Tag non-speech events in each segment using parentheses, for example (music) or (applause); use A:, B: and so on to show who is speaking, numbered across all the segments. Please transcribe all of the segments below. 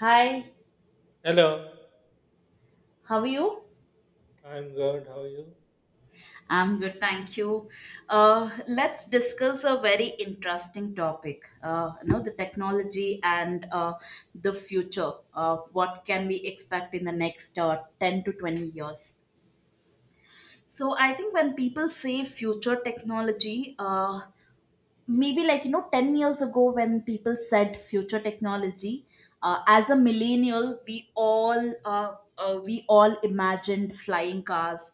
A: Hi,
B: Hello,
A: how are you?
B: I'm good. How are you?
A: I'm good, thank you. Let's discuss a very interesting topic. The technology and the future. What can we expect in the next 10 to 20 years? So I think when people say future technology, maybe like 10 years ago when people said future technology, as a millennial, we all imagined flying cars,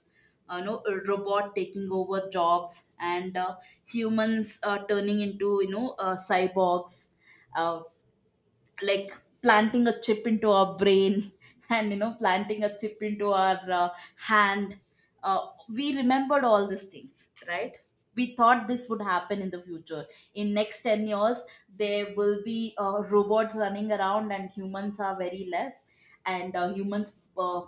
A: a robot taking over jobs, and humans turning into cyborgs. Uh, like planting a chip into our brain (laughs) and planting a chip into our hand. We remembered all these things, right? We thought this would happen in the future, in next 10 years there will be robots running around and humans are very less, and humans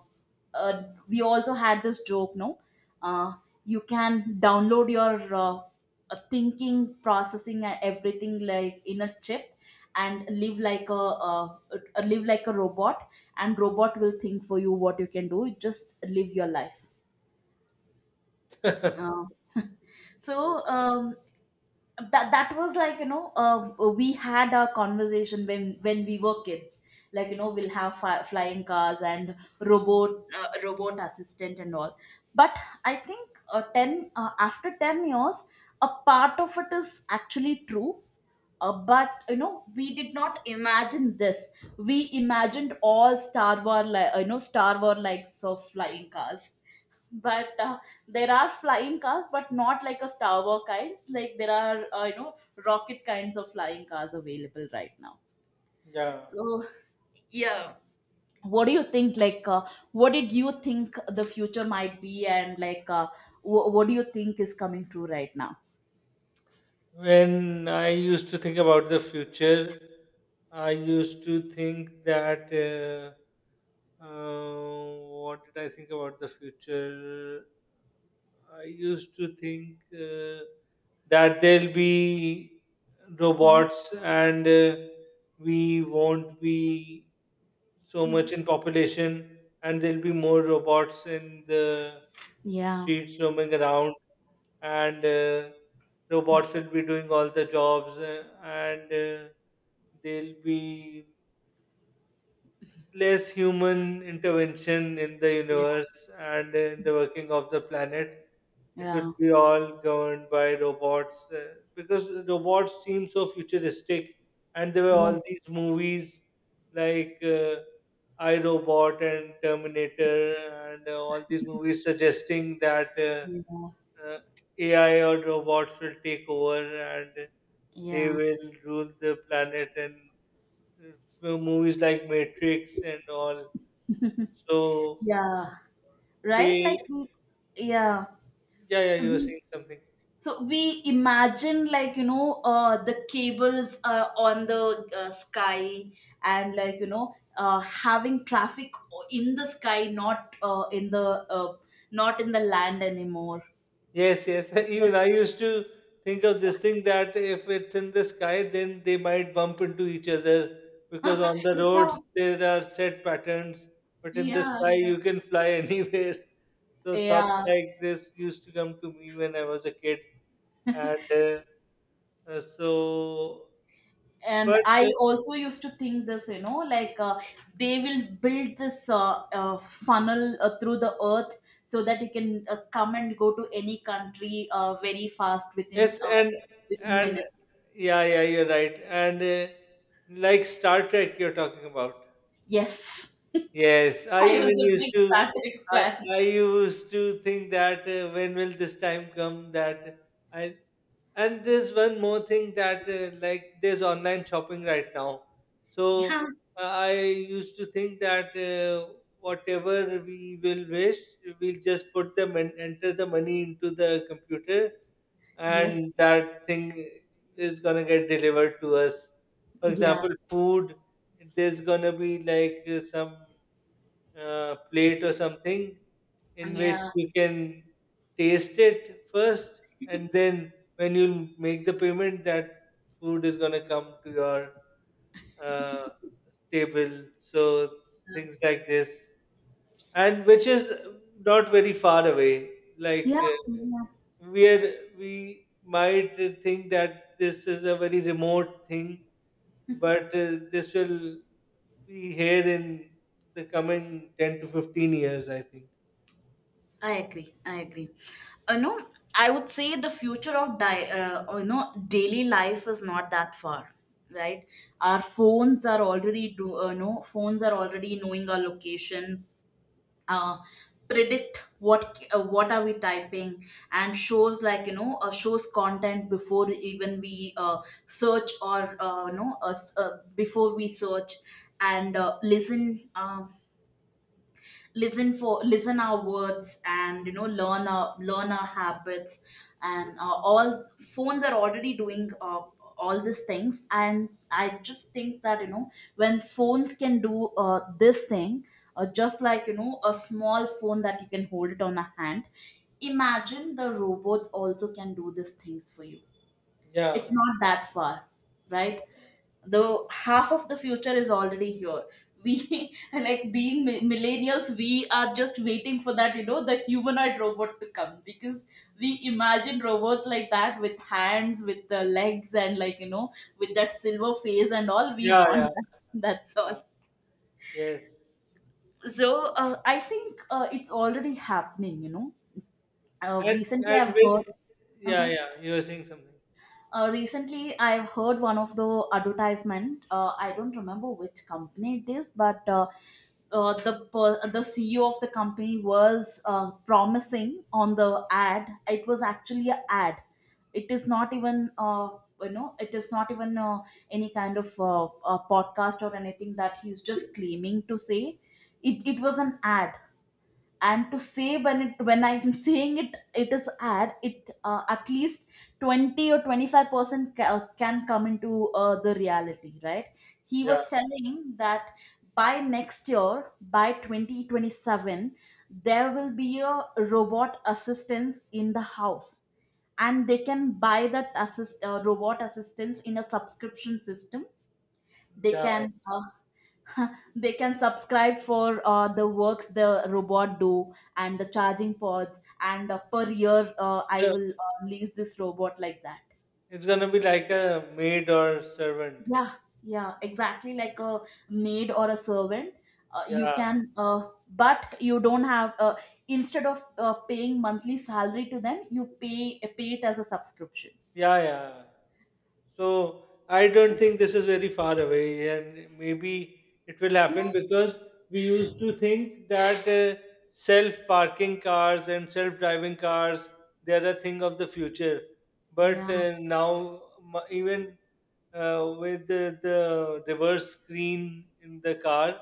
A: we also had this joke, no. uh, you can download your thinking processing and everything like in a chip and live like a robot and robot will think for you what you can do, just live your life.
B: (laughs)
A: uh,
B: Oh,
A: so um, that that was like we had a conversation when we were kids, like we'll have flying cars and robot, robot assistant and all. But I think 10 after 10 years a part of it is actually true. But you know, we did not imagine this. We imagined all Star Wars, like you know, Star Wars likes of flying cars. But there are flying cars but not like a Star Wars kinds, like there are you know rocket kinds of flying cars available right now.
B: yeah.
A: So yeah, what do you think, like what did you think the future might be, and like what do you think is coming true right now?
B: When I used to think about the future, I used to think that what did I think about the future? I used to think that there'll be
A: Mhm.
B: robots, and we won't be so much
A: Mhm.
B: in population, and there'll be more robots in the
A: Yeah.
B: streets roaming around, and robots will be doing all the jobs, and they'll be less human intervention in the
A: Yeah.
B: universe and in the working of the planet. It will
A: Yeah.
B: be all governed by robots because robots seem so futuristic, and there were
A: Yeah.
B: all these movies like I Robot and Terminator, and all these movies suggesting that
A: Yeah,
B: AI or robots will take over and they
A: yeah.
B: will rule the planet, and so movies like Matrix and all.
A: (laughs)
B: So
A: Yeah, right?
B: they,
A: Like, yeah,
B: yeah, yeah, you were
A: we
B: saying something.
A: so we imagine, like you know, the cables on the sky, and like having traffic in the sky, not in the uh, not in the land anymore.
B: Yes, yes. (laughs)
A: (laughs) Yeah,
B: Even I used to think of this thing that if it's in the sky, then they might bump into each other, because on the roads there are set patterns, but in the
A: yeah,
B: sky you can fly (laughs) anywhere. So
A: yeah.
B: thoughts
A: Yeah.
B: like this used to come to me when I was a kid,
A: (laughs)
B: and so,
A: And
B: but
A: I also used to think this, you know, like they will build this funnel through the earth, so that you can come and go to any country very fast, within
B: yes,
A: uh,
B: and
A: within
B: and
A: minutes.
B: yeah, yeah, you're right. And like Star Trek, you're talking about.
A: Yes. (laughs)
B: Yes, I
A: I was
B: even
A: a
B: used
A: big
B: to.
A: Star Trek
B: I
A: fan.
B: I used to think that when will this time come that I, and there's one more thing that like there's online shopping right now.
A: (laughs)
B: So
A: Yeah.
B: I used to think that whatever we will wish, we'll just put them and enter the money into the computer,
A: Yes.
B: and that thing is gonna get delivered to us. For
A: Yeah.
B: example, food. There's gonna be like some plate or something in which
A: Yeah.
B: you can taste it first, and then when you make the payment, that food is going to come to your uh, table. So things like this, and which is not very far away. Like
A: Yeah. Yeah.
B: we might think that this is a very remote thing, but this will be here in the coming 10 to 15 years, I think.
A: I agree. I agree. You know, I would say the future of you know daily life is not that far, right? Our phones are already do no phones are already knowing our location, uh, predict what are we typing, and shows, like you know, shows content before even we search, or before we search. And listen. Listen for Listen our words, and you know learn our habits. And all phones are already doing all these things, and I just think that, you know, when phones can do this thing, just like you know a small phone that you can hold it on a hand, imagine the robots also can do these things for you. It's
B: Yeah,
A: not that far, right?
B: yeah,
A: The half of the future is already here. We, (laughs) like being millennials, we are just waiting for that, you know, the humanoid robot to come, because we imagine robots like that, with hands, with the legs, and like you know, with that silver face and all. We
B: yeah, yeah,
A: want that. (laughs) That's
B: yeah.
A: all.
B: Yes,
A: So I think it's already happening, you know.
B: and
A: Recently,
B: and
A: I've
B: with
A: heard.
B: yeah,
A: Uh-huh.
B: yeah, you were saying something.
A: Recently, I've heard one of the advertisement. I don't remember which company it is, but the CEO of the company was promising on the ad. It was actually an ad. It is not even you know. It is not even any kind of podcast or anything that he's just claiming to say. It was an ad, and to say when it when I'm saying it, it is ad it at least 20 or 25% can come into the reality, right? He
B: Yeah,
A: was telling that by next year, by 2027, there will be a robot assistance in the house, and they can buy that assist robot assistance in a subscription system. They
B: yeah, yeah.
A: can (laughs) they can subscribe for the works the robot do, and the charging pods, and per year, I
B: So
A: will lease this robot, like that.
B: it's gonna be like a maid or servant.
A: Yeah, yeah, exactly like a maid or a servant. You
B: Yeah.
A: can, but you don't have instead of paying monthly salary to them, you pay it as a subscription.
B: Yeah, yeah. So I don't think this is very far away, and maybe it will
A: Yeah.
B: happen, because we used to think that self-parking cars and self-driving cars, they are a thing of the future. But
A: Yeah.
B: now, even with the reverse screen in the car,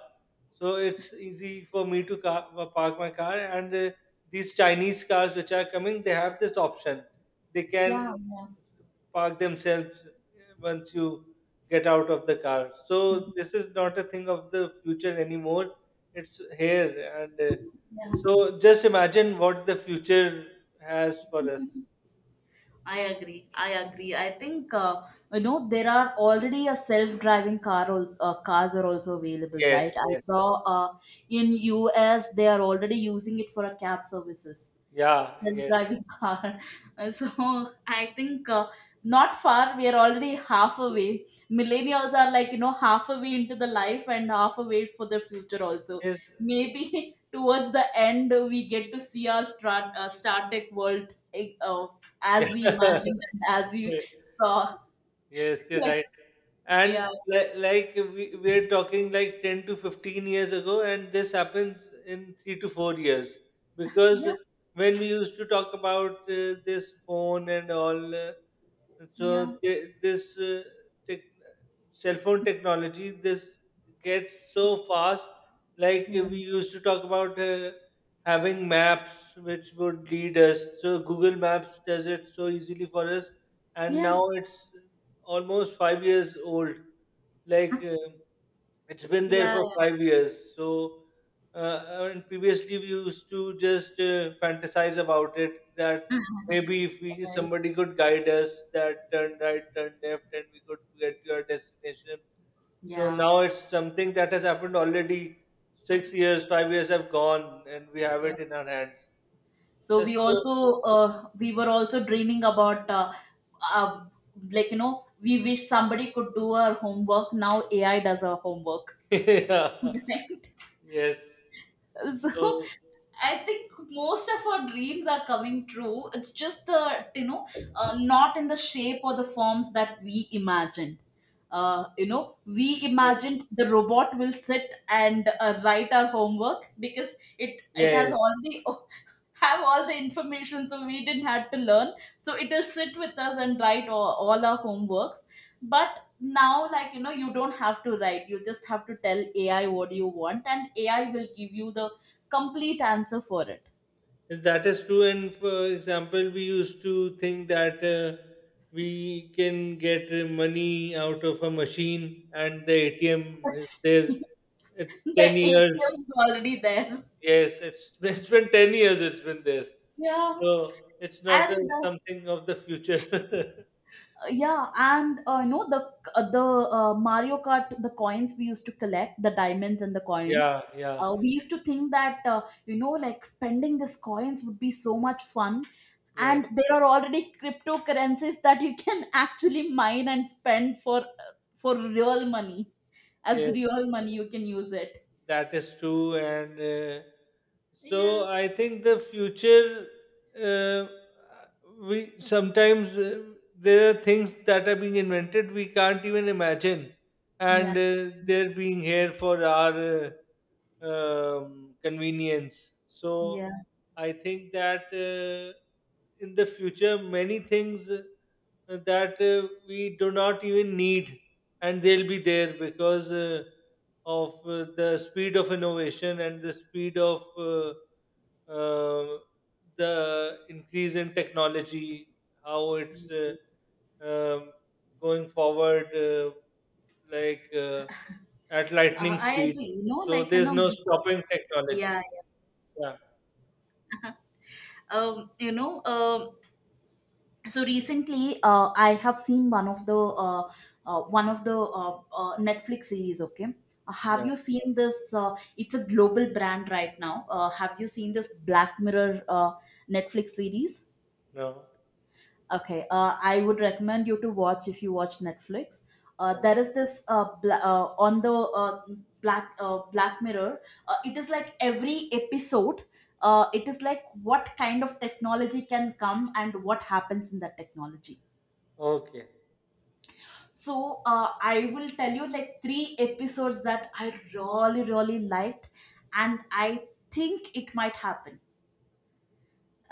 B: so it's easy for me to park my car. And these Chinese cars which are coming, they have this option. They can
A: Yeah.
B: park themselves once you get out of the car. So
A: Yeah.
B: this is not a thing of the future anymore. It's here. And
A: (laughs)
B: so just imagine what the future has for us.
A: Yeah. I agree. I agree. I think you know there are already a self-driving car also cars are also available, right?
B: Yes,
A: I
B: yes.
A: saw in US they are already using it for a cab services,
B: Yeah. Yes,
A: self-driving (laughs) car. So I think not far. We are already half away. Millennials are like you know half away into the life and half away for the future also.
B: yes.
A: Maybe (laughs) towards the end we get to see our StarTech world, oh, as we imagined and as we saw.
B: Yes,
A: (laughs)
B: you're right.
A: Yeah.
B: And
A: Yeah.
B: like we, we're talking like 10 to 15 years ago, and this happens in 3 to 4 years. Because
A: Yeah.
B: when we used to talk about this phone and all, so this tech cell phone technology, this gets so fast. Like
A: Yeah.
B: we used to talk about having maps which would lead us. So Google Maps does it so easily for us, and
A: Yeah.
B: now it's almost 5 years old. Like it's been there
A: Yeah.
B: for 5 years. So, and previously we used to just fantasize about it, that
A: (laughs)
B: maybe if we,
A: Right.
B: somebody could guide us that turn right, turn left, and we could get to our destination. So
A: Yeah.
B: now it's something that has happened already. 6 years, 5 years have gone, and we have
A: Yeah.
B: it in our hands.
A: So
B: Yeah,
A: we
B: so,
A: also we were also dreaming about uh, like you know, we wish somebody could do our homework. Now AI does our homework.
B: (laughs) yeah,
A: (laughs) Right.
B: yes.
A: So (laughs)
B: So
A: I think most of our dreams are coming true. It's just the, you know, not in the shape or the forms that we imagined. You know, we
B: yes,
A: imagined the robot will sit and write our homework, because it has
B: yes,
A: already (laughs) have all the information, so we didn't have to learn, so it'll sit with us and write all our homeworks. But now, like you know, you don't have to write, you just have to tell AI what you want, and AI will give you the complete answer for it.
B: yes, that is true. And for example, we used to think that we can get money out of a machine, and the ATM is
A: Yes. (laughs)
B: there. It's
A: The
B: 10 years.
A: ATM is already there.
B: Yes, it's, (laughs) it's been 10 years it's been there.
A: Yeah,
B: So it's not
A: and
B: something of the future. (laughs)
A: you know the mario kart, the coins we used to collect, the diamonds and the coins.
B: Yeah, yeah, yeah,
A: We used to think that, you know, like spending these coins would be so much fun,
B: yes,
A: and there are already cryptocurrencies that you can (laughs) actually mine and spend for real money, as
B: yes.
A: real money you can use it.
B: That is true, and so
A: Yeah.
B: I think the future. Uh, we sometimes there are things that are being invented we can't even imagine, and
A: Yeah,
B: they're being here for our convenience. So
A: yeah.
B: I think that in the future many things that we do not even need, and they'll be there because. Of the speed of innovation and the speed of uh, the increase in technology, how it's um, going forward like at lightning
A: I agree,
B: speed.
A: you know,
B: So
A: like you
B: there's
A: know,
B: no stopping technology.
A: yeah, yeah.
B: Yeah,
A: um you know, so recently, I have seen one of the Netflix series, okay? Have
B: yeah,
A: you seen this, it's a global brand right now, have you seen this Black Mirror Netflix series?
B: no.
A: Okay. I would recommend you to watch. If you watch Netflix,
B: Oh,
A: there is this on the uh, Black Mirror. It is like every episode, it is like what kind of technology can come and what happens in that technology.
B: okay,
A: So I will tell you like three episodes that I really really liked, and I think it might happen.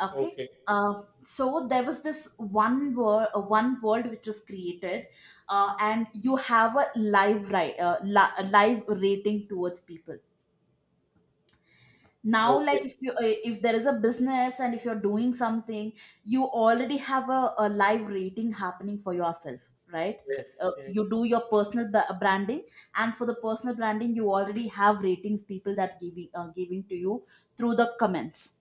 A: Okay.
B: okay,
A: So there was this one world, which was created, and you have a live, right, a live rating towards people. Now,
B: okay.
A: like, if you if there is a business and if you're doing something you already have a live rating happening for yourself, right?
B: Yes,
A: You
B: yes,
A: do your personal branding, and for the personal branding you already have ratings people that giving giving to you through the comments.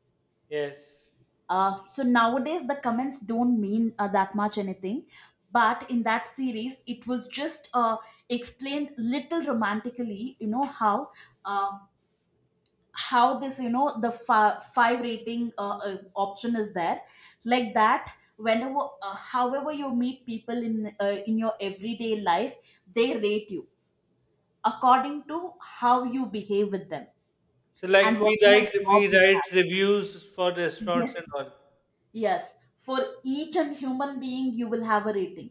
B: yes.
A: So nowadays the comments don't mean that much anything, but in that series it was just explained little romantically, you know, uh, how this, you know, the five rating option is there. Like that, whenever however you meet people in your everyday life, they rate you according to how you behave with them
B: So
A: and
B: like
A: what
B: we
A: kind of
B: write,
A: job
B: we
A: you
B: write
A: have.
B: reviews for restaurants and
A: Yes.
B: all.
A: Yes. For each and human being you will have a rating.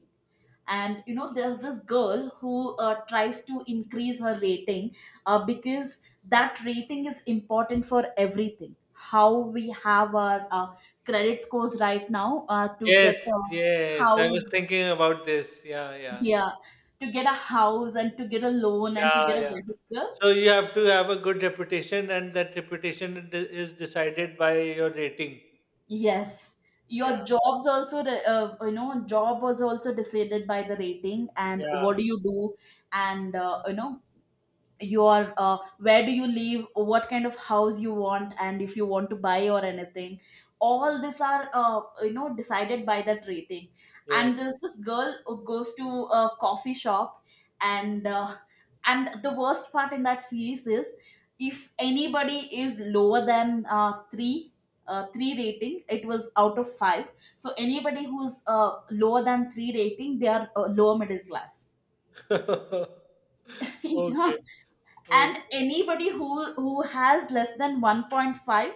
A: And you know there's this girl who tries to increase her rating, because that rating is important for everything, how we have our credit scores right now, to get
B: Yes,
A: a
B: yes. I was
A: house.
B: thinking about this. Yeah, yeah.
A: Yeah, to get a house, and to get a loan, and to
B: Yeah,
A: get a
B: yeah.
A: vehicle.
B: So you have to have a good reputation, and that reputation is decided by your rating.
A: Yes,
B: Yeah,
A: your jobs also, you know, job was also decided by the rating and what
B: yeah.
A: do you do. And you know, your where do you live, what kind of house you want, and if you want to buy or anything, all these are you know, decided by that rating. And
B: Yes.
A: this girl who goes to a coffee shop and uh, and the worst part in that series is, if anybody is lower than 3, 3 rating, it was out of 5. So anybody who's lower than 3 rating, they are lower middle class.
B: (laughs)
A: (laughs) Yeah.
B: Okay. Okay.
A: And anybody who has less than 1.5,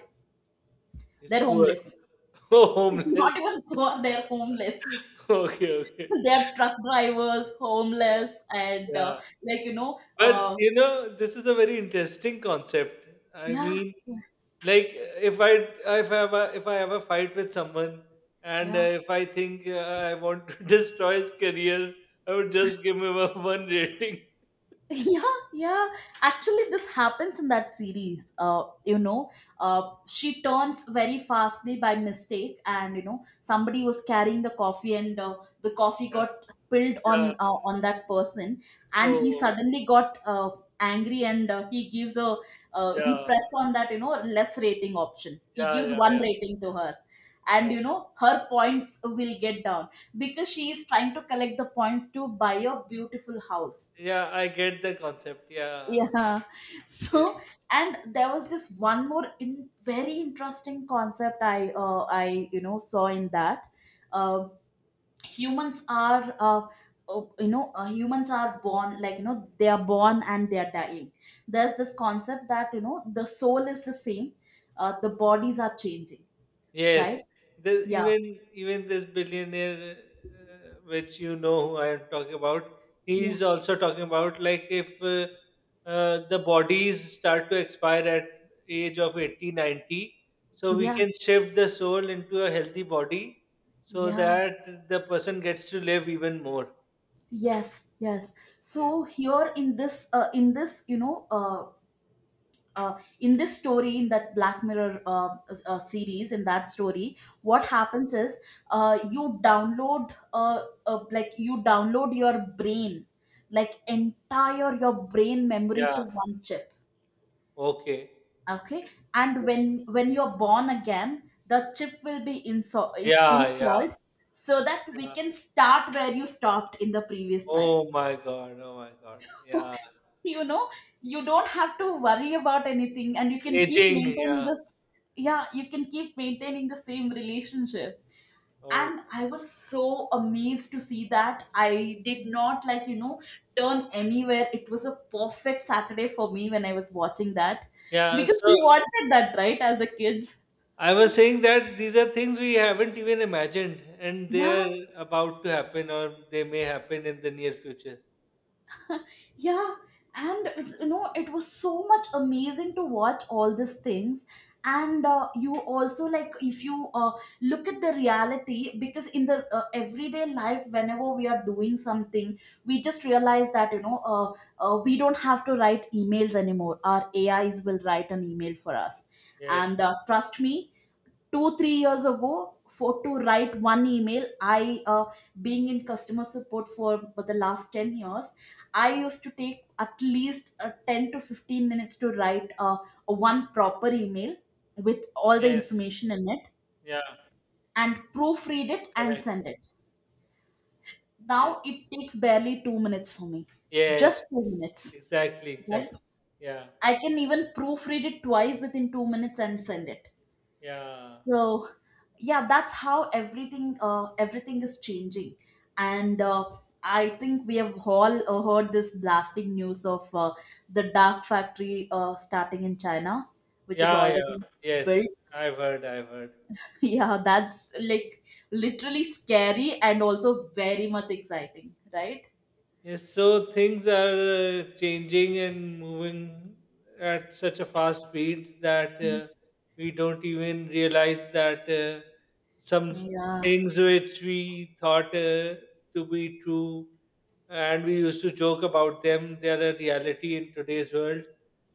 B: It's
A: they're
B: poor.
A: homeless.
B: (laughs)
A: (laughs)
B: Homeless.
A: Not
B: (laughs)
A: even poor, they're homeless.
B: Okay, okay.
A: (laughs) They're truck drivers,
B: Yeah,
A: homeless. And
B: yeah.
A: like, you know,
B: But you know, this is a very interesting concept. I
A: yeah,
B: mean,
A: yeah,
B: like if I if I have a fight with someone, and
A: yeah.
B: if I think I want to (laughs) destroy his career, I would just give him a (laughs) one rating.
A: (laughs) Yeah, yeah, actually this happens in that series, you know, uh she turns very fastly by mistake, and you know somebody was carrying the coffee, and the coffee
B: Yeah,
A: got spilled
B: yeah.
A: on that person. And he
B: Oh,
A: suddenly got angry, and he gives a he
B: yeah,
A: press on that, you know, less rating option, he
B: yeah,
A: gives
B: yeah,
A: one
B: yeah,
A: rating to her. And
B: yeah.
A: you know her points will get down because she is trying to collect the points to buy a beautiful house.
B: Yeah, I get the concept. Yeah,
A: Yeah. (laughs) So,
B: yes.
A: and there was just one more very interesting concept I I you know saw in that. Uh, Humans are you know, humans are born, like, you know, they are born and they are dying. There's this concept that, you know, the soul is the same, the bodies are changing,
B: Yes,
A: right?
B: the,
A: Yeah.
B: even even this billionaire, which you know who I am talking about, he
A: Yeah.
B: is also talking about like if the bodies start to expire at age of 80, 90, so we
A: Yeah.
B: can shift the soul into a healthy body so
A: Yeah.
B: that the person gets to live even more.
A: Yes. Yes.
B: Yeah,
A: So here in this in this, you know, in this story, in that Black Mirror series, in that story, what
B: yeah,
A: happens is you download like, you download your brain, like entire your brain memory
B: yeah.
A: to one chip.
B: Okay.
A: Okay.
B: And,
A: And when you're born again, the chip will be
B: yeah,
A: installed,
B: yeah,
A: so that we
B: yeah.
A: can start where you stopped in the previous life.
B: Oh my God! Oh my God!
A: (laughs)
B: Yeah.
A: You know, you don't have to worry about anything, and you can keep
B: Aging,
A: maintaining
B: yeah.
A: the, yeah, you can keep maintaining the same relationship.
B: Oh,
A: And I was so amazed to see that I did not, like, you know, turn anywhere. It was a perfect Saturday for me when I was watching that,
B: yeah.
A: because
B: So
A: we wanted that, right, as a kid.
B: I was saying that these are things we haven't even imagined, and they're
A: Yeah.
B: about to happen, or they may happen in the near future.
A: Yeah, and it's- you know, it was so much amazing to watch all these things. And you also, like, if you look at the reality, because in the everyday life, whenever we are doing something, we just realize that, you know, we don't have to write emails anymore. Our AIs will write an email for us.
B: Yes,
A: And trust me, 2 3 years ago, for to write one email, I being in customer support for the last 10 years, I used to take at least 10 to 15 minutes to write one proper email with all the
B: yes,
A: information in it,
B: yeah,
A: and proofread it and
B: correct.
A: send it. Now
B: Yes,
A: it takes barely 2 minutes for me, just
B: yes,
A: 2 minutes,
B: exactly, exactly.
A: right?
B: Yeah,
A: I can even proofread it twice within 2 minutes and send it.
B: yeah,
A: So yeah, that's how everything everything is changing. And I think we have all heard this blasting news of the dark factory starting in China, which is
B: yeah, yeah.
A: already
B: Yes,
A: built. (laughs)
B: I've heard, I've heard.
A: Yeah, that's like literally scary and also very much exciting, right?
B: Yes, so things are changing and moving at such a fast speed that we don't even realize that some
A: Yeah,
B: things which we thought to be true, and we used to joke about them, they are a reality in today's world.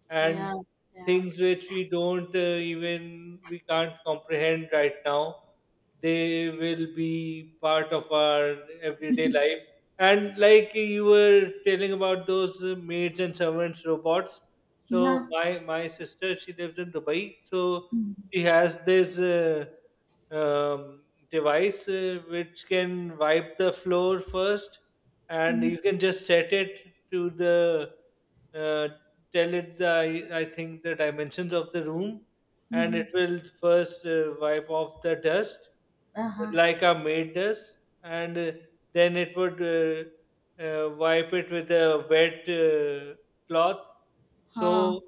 B: And
A: yeah, yeah,
B: things which we don't even, we can't comprehend right now, they will be part of our everyday life, and like you were telling about those maids and servants robots.
A: yeah.
B: So my sister, she lives in Dubai. So
A: Mm-hmm.
B: she has this um, device which can wipe the floor first, and you can just set it to the uh, tell it the I think the dimensions of the room, and
A: Mm-hmm.
B: it will first wipe off the dust
A: Uh-huh.
B: like a maid does, and then it would wipe it with a wet cloth.
A: Huh.
B: So,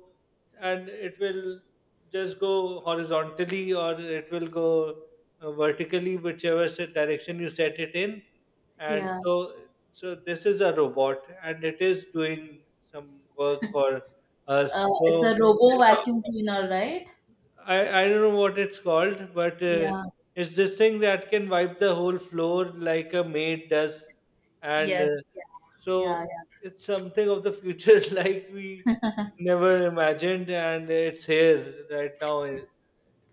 B: and it will just go horizontally, or it will go vertically, whichever direction you set it in. And
A: Yeah.
B: so, so this is a robot, and it is doing some work for us.
A: It's
B: So,
A: a robo
B: it's a
A: vacuum cleaner, right?
B: I don't know what it's called, but
A: Yeah.
B: it's this thing that can wipe the whole floor like a maid does. And
A: Yes. Yeah.
B: so
A: Yeah. Yeah.
B: it's something of the future (laughs) like we never imagined, and it's here right now.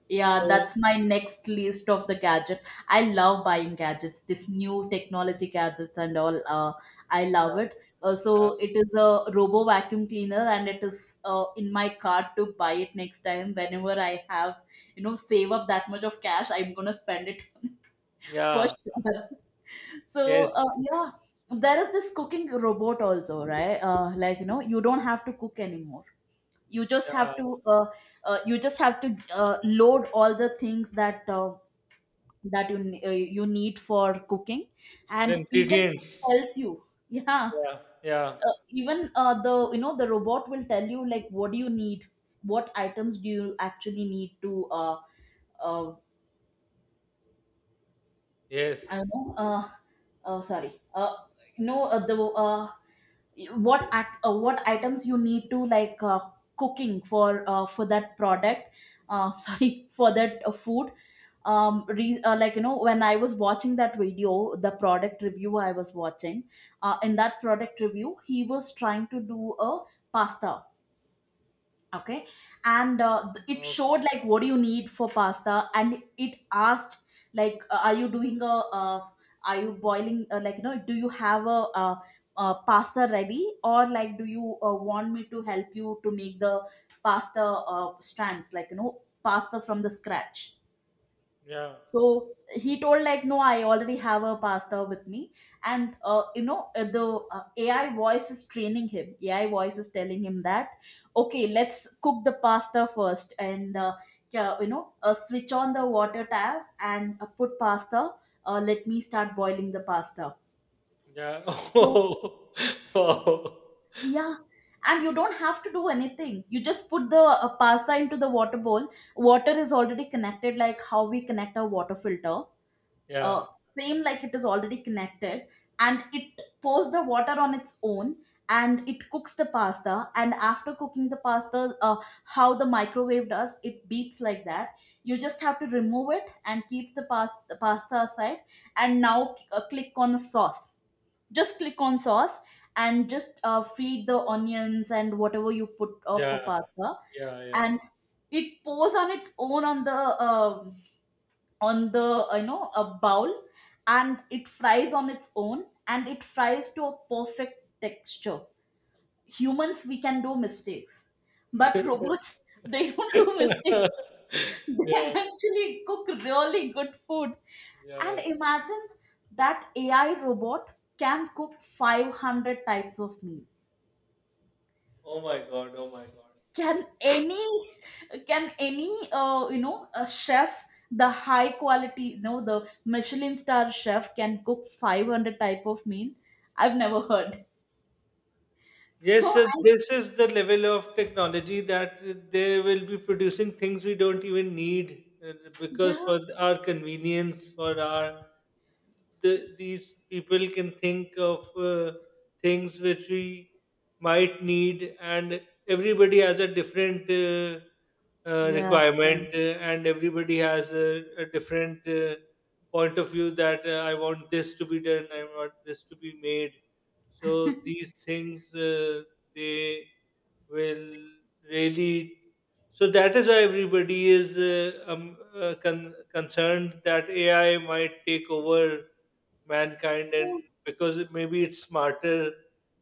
A: Yeah.
B: So,
A: That's my next list of the gadget. I love buying gadgets, this new technology gadgets and all. I love it.
B: uh,
A: So it is a robo vacuum cleaner, and it is in my cart to buy it next time. Whenever I have, you know, save up that much of cash, I'm gonna spend it (laughs) on it for
B: yeah,
A: sure. So
B: yes,
A: yeah, there is this cooking robot also, right? Like, you know, you don't have to cook anymore, you just
B: yeah.
A: have to you just have to load all the things that that you you need for cooking.
B: The
A: And even
B: ingredients.
A: tells you (laughs) yeah,
B: Yeah, yeah,
A: even the, you know, the robot will tell you, like, what do you need, what items do you actually need to uh, I don't
B: yes.
A: know, sorry, no, the what act, what items you need to, like, cooking for that product, (laughs) sorry, for that food. Like, you know, when I was watching that video, the product review I was watching, in that product review he was trying to do a pasta. Okay. And it
B: Oh,
A: showed like what do you need for pasta, and it asked like, are you doing a uh, are you boiling, like, you know, do you have pasta ready, or like, do you want me to help you to make the pasta strands, like, you know, pasta from the scratch.
B: yeah,
A: So he told, like, no, I already have a pastor with me, and you know, the AI voice is training him. AI voice is telling him that, okay, let's cook the pasta first. And yeah, you know, switch on the water tap, and put pasta. Let me start boiling the pasta.
B: yeah. (laughs)
A: So
B: Oh, wow.
A: yeah, and you don't have to do anything. You just put the pasta into the water bowl. Water is already connected, like how we connect our water filter,
B: Yeah,
A: uh, same, like, it is already connected, and it pours the water on its own, and it cooks the pasta. And after cooking the pasta, how the microwave does, it beeps like that, you just have to remove it and keeps the, the pasta aside, and now click on the sauce, just click on sauce, and just feed the onions and whatever you put
B: yeah,
A: for pasta,
B: yeah,
A: and it pours on its own on the on the, you know, a bowl, and it fries on its own, and it fries to a perfect texture. Humans, we can do mistakes,
B: yeah.
A: but
B: (laughs)
A: robots, they (laughs) don't do mistakes.
B: (laughs)
A: (laughs) They
B: yeah,
A: actually cook really good food. And
B: yeah.
A: imagine that AI robot can cook 500 types of meat.
B: Oh my God, oh my God.
A: Can any, can any you know, a chef, the high quality, you know, the Michelin star chef, can cook 500 type of meal? I've never heard. (laughs) So
B: Yes, sir,
A: I,
B: this is the level of technology that they will be producing things we don't even need, uh, because
A: yeah,
B: for our convenience, for these people can think of things which we might need, and everybody has a different
A: yeah, yeah.
B: requirement, and everybody has a different point of view that I want this to be done, I want this to be made. So these things they will really, so that is why everybody is concerned that AI might take over mankind, and
A: So-
B: because it, maybe it's smarter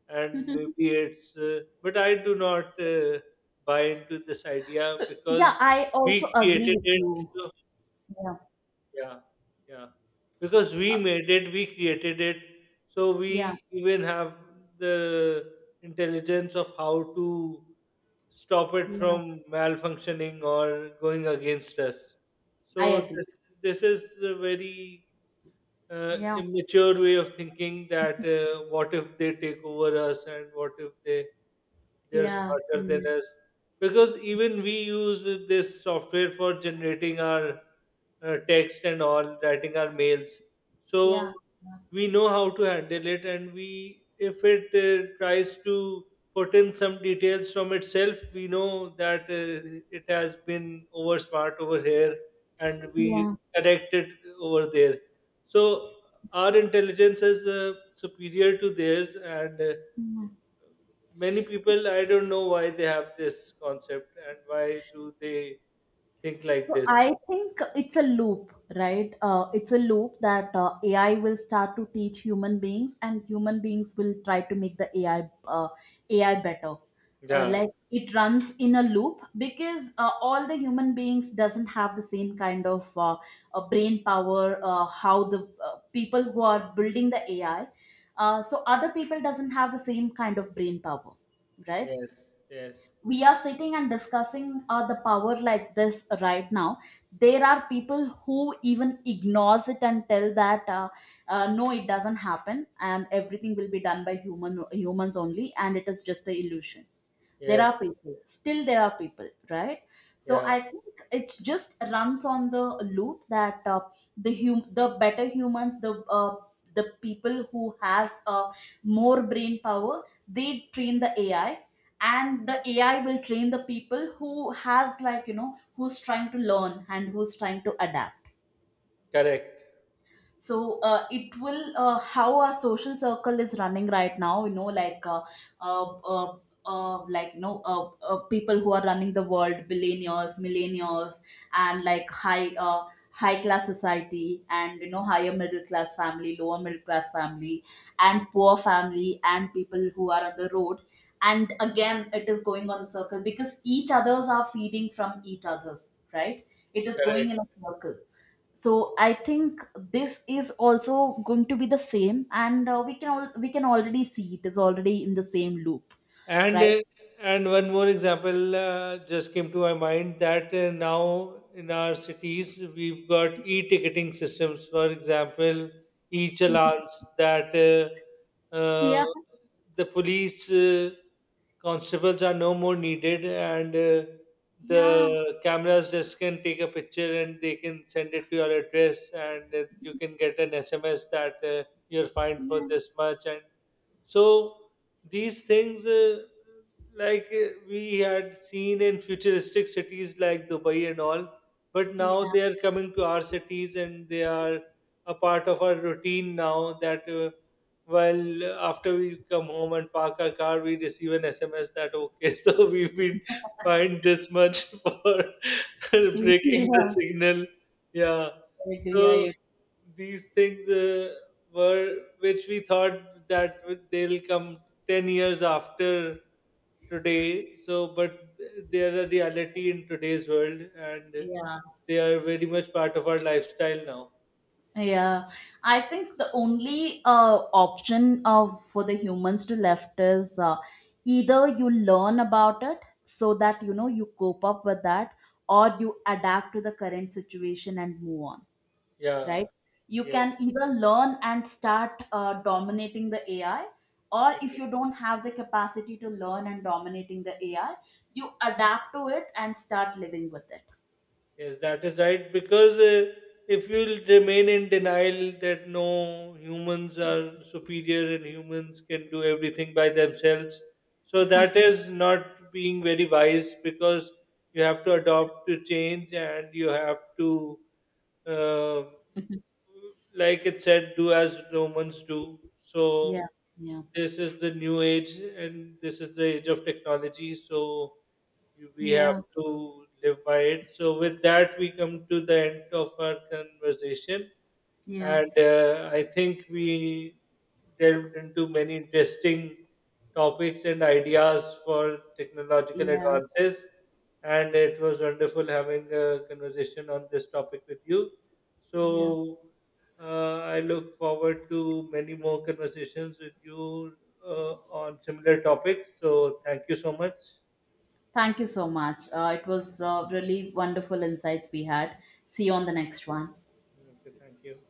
B: and
A: (laughs)
B: maybe it's but I do not buy into this idea,
A: yeah,
B: because
A: I also
B: we
A: agree
B: created
A: with
B: it.
A: you.
B: So
A: Yeah.
B: yeah, yeah, because we made it, we created it. So
A: Yeah,
B: we even have the intelligence of how to stop it
A: yeah,
B: from malfunctioning or going against us.
A: I
B: So
A: agree.
B: this is a very
A: Yeah.
B: immature way of thinking, that what if they take over us, and what if they're
A: Yeah,
B: smarter than
A: mm,
B: us, because even we use this software for generating our text and all, writing our mails.
A: yeah,
B: So we know how to handle it, and we, if it tries to put in some details from itself, we know that it has been over smart over here, and we
A: yeah,
B: correct it over there. So our intelligence is superior to theirs. And
A: mm.
B: many people, I don't know why they have this concept and why do they think like
A: So
B: this.
A: I think it's a loop, right? It's a loop that AI will start to teach human beings, and human beings will try to make the AI better.
B: Yeah,
A: Like, it runs in a loop because all the human beings doesn't have the same kind of brain power. How the people who are building the AI, so other people doesn't have the same kind of brain power, right?
B: yes, yes,
A: We are sitting and discussing the power like this right now. There are people who even ignores it and tell that no, it doesn't happen, and everything will be done by humans only, and it is just a illusion. There
B: yes,
A: are people, still there are people, right? So
B: yeah,
A: I think it just runs on the loop that the the better humans, uh, the people who has more brain power, they train the AI, and the AI will train the people who has, like, you know, who's trying to learn and who's trying to adapt.
B: correct,
A: So it will how our social circle is running right now, you know, like uh, uh, like, you know, people who are running the world, billionaires, millionaires, and like high high class society, and you know, higher middle class family, lower middle class family, and poor family, and people who are on the road. And again, it is going on a circle because each others are feeding from each others, right? It is going
B: correct.
A: in a circle. So I think this is also going to be the same, and we can all, we can already see, it is already in the same loop,
B: And
A: right?
B: uh, and one more example just came to my mind, that now in our cities we've got e-ticketing systems. For example, e-challans, that
A: Yeah,
B: the police constables are no more needed, and
A: yeah,
B: the cameras just can take a picture and they can send it to your address, and you can get an SMS that you're fined for
A: yeah,
B: this much. And so these things like we had seen in futuristic cities like Dubai and all, but now
A: yeah,
B: they are coming to our cities, and they are a part of our routine now, that well, after we come home and park our car, we receive an SMS that, okay, (laughs) so we've been fined this much (laughs) for (laughs) breaking the
A: yeah,
B: signal. Yeah,
A: I agree, I
B: so
A: agree.
B: these things were which we thought that they'll come 10 years after today. So, but they are a reality in today's world, and
A: Yeah,
B: they are very much part of our lifestyle now.
A: yeah. I think the only option of for the humans to left is either you learn about it, so that, you know, you cope up with that, or you adapt to the current situation and move on,
B: Yeah,
A: right? You can
B: yes,
A: either learn and start dominating the AI, or if
B: yes,
A: you don't have the capacity to learn and dominating the AI, you adapt to it and start living with it.
B: yes, that is right. Because if you remain in denial that no, humans are superior and humans can do everything by themselves, so that is not being very wise, because you have to adopt to change, and you have to, uh, like it said, do as Romans do. So
A: Yeah, yeah.
B: this is the new age, and this is the age of technology. So we have
A: Yeah,
B: to live by it. So with that, we come to the end of our conversation,
A: yeah,
B: and I think we delved into many interesting topics and ideas for technological
A: yeah.
B: advances. And it was wonderful having a conversation on this topic with you.
A: Yeah.
B: So I look forward to many more conversations with you on similar topics. So thank you so much.
A: Thank you so much. It was really wonderful insights we had. See you on the next one.
B: Okay, thank you.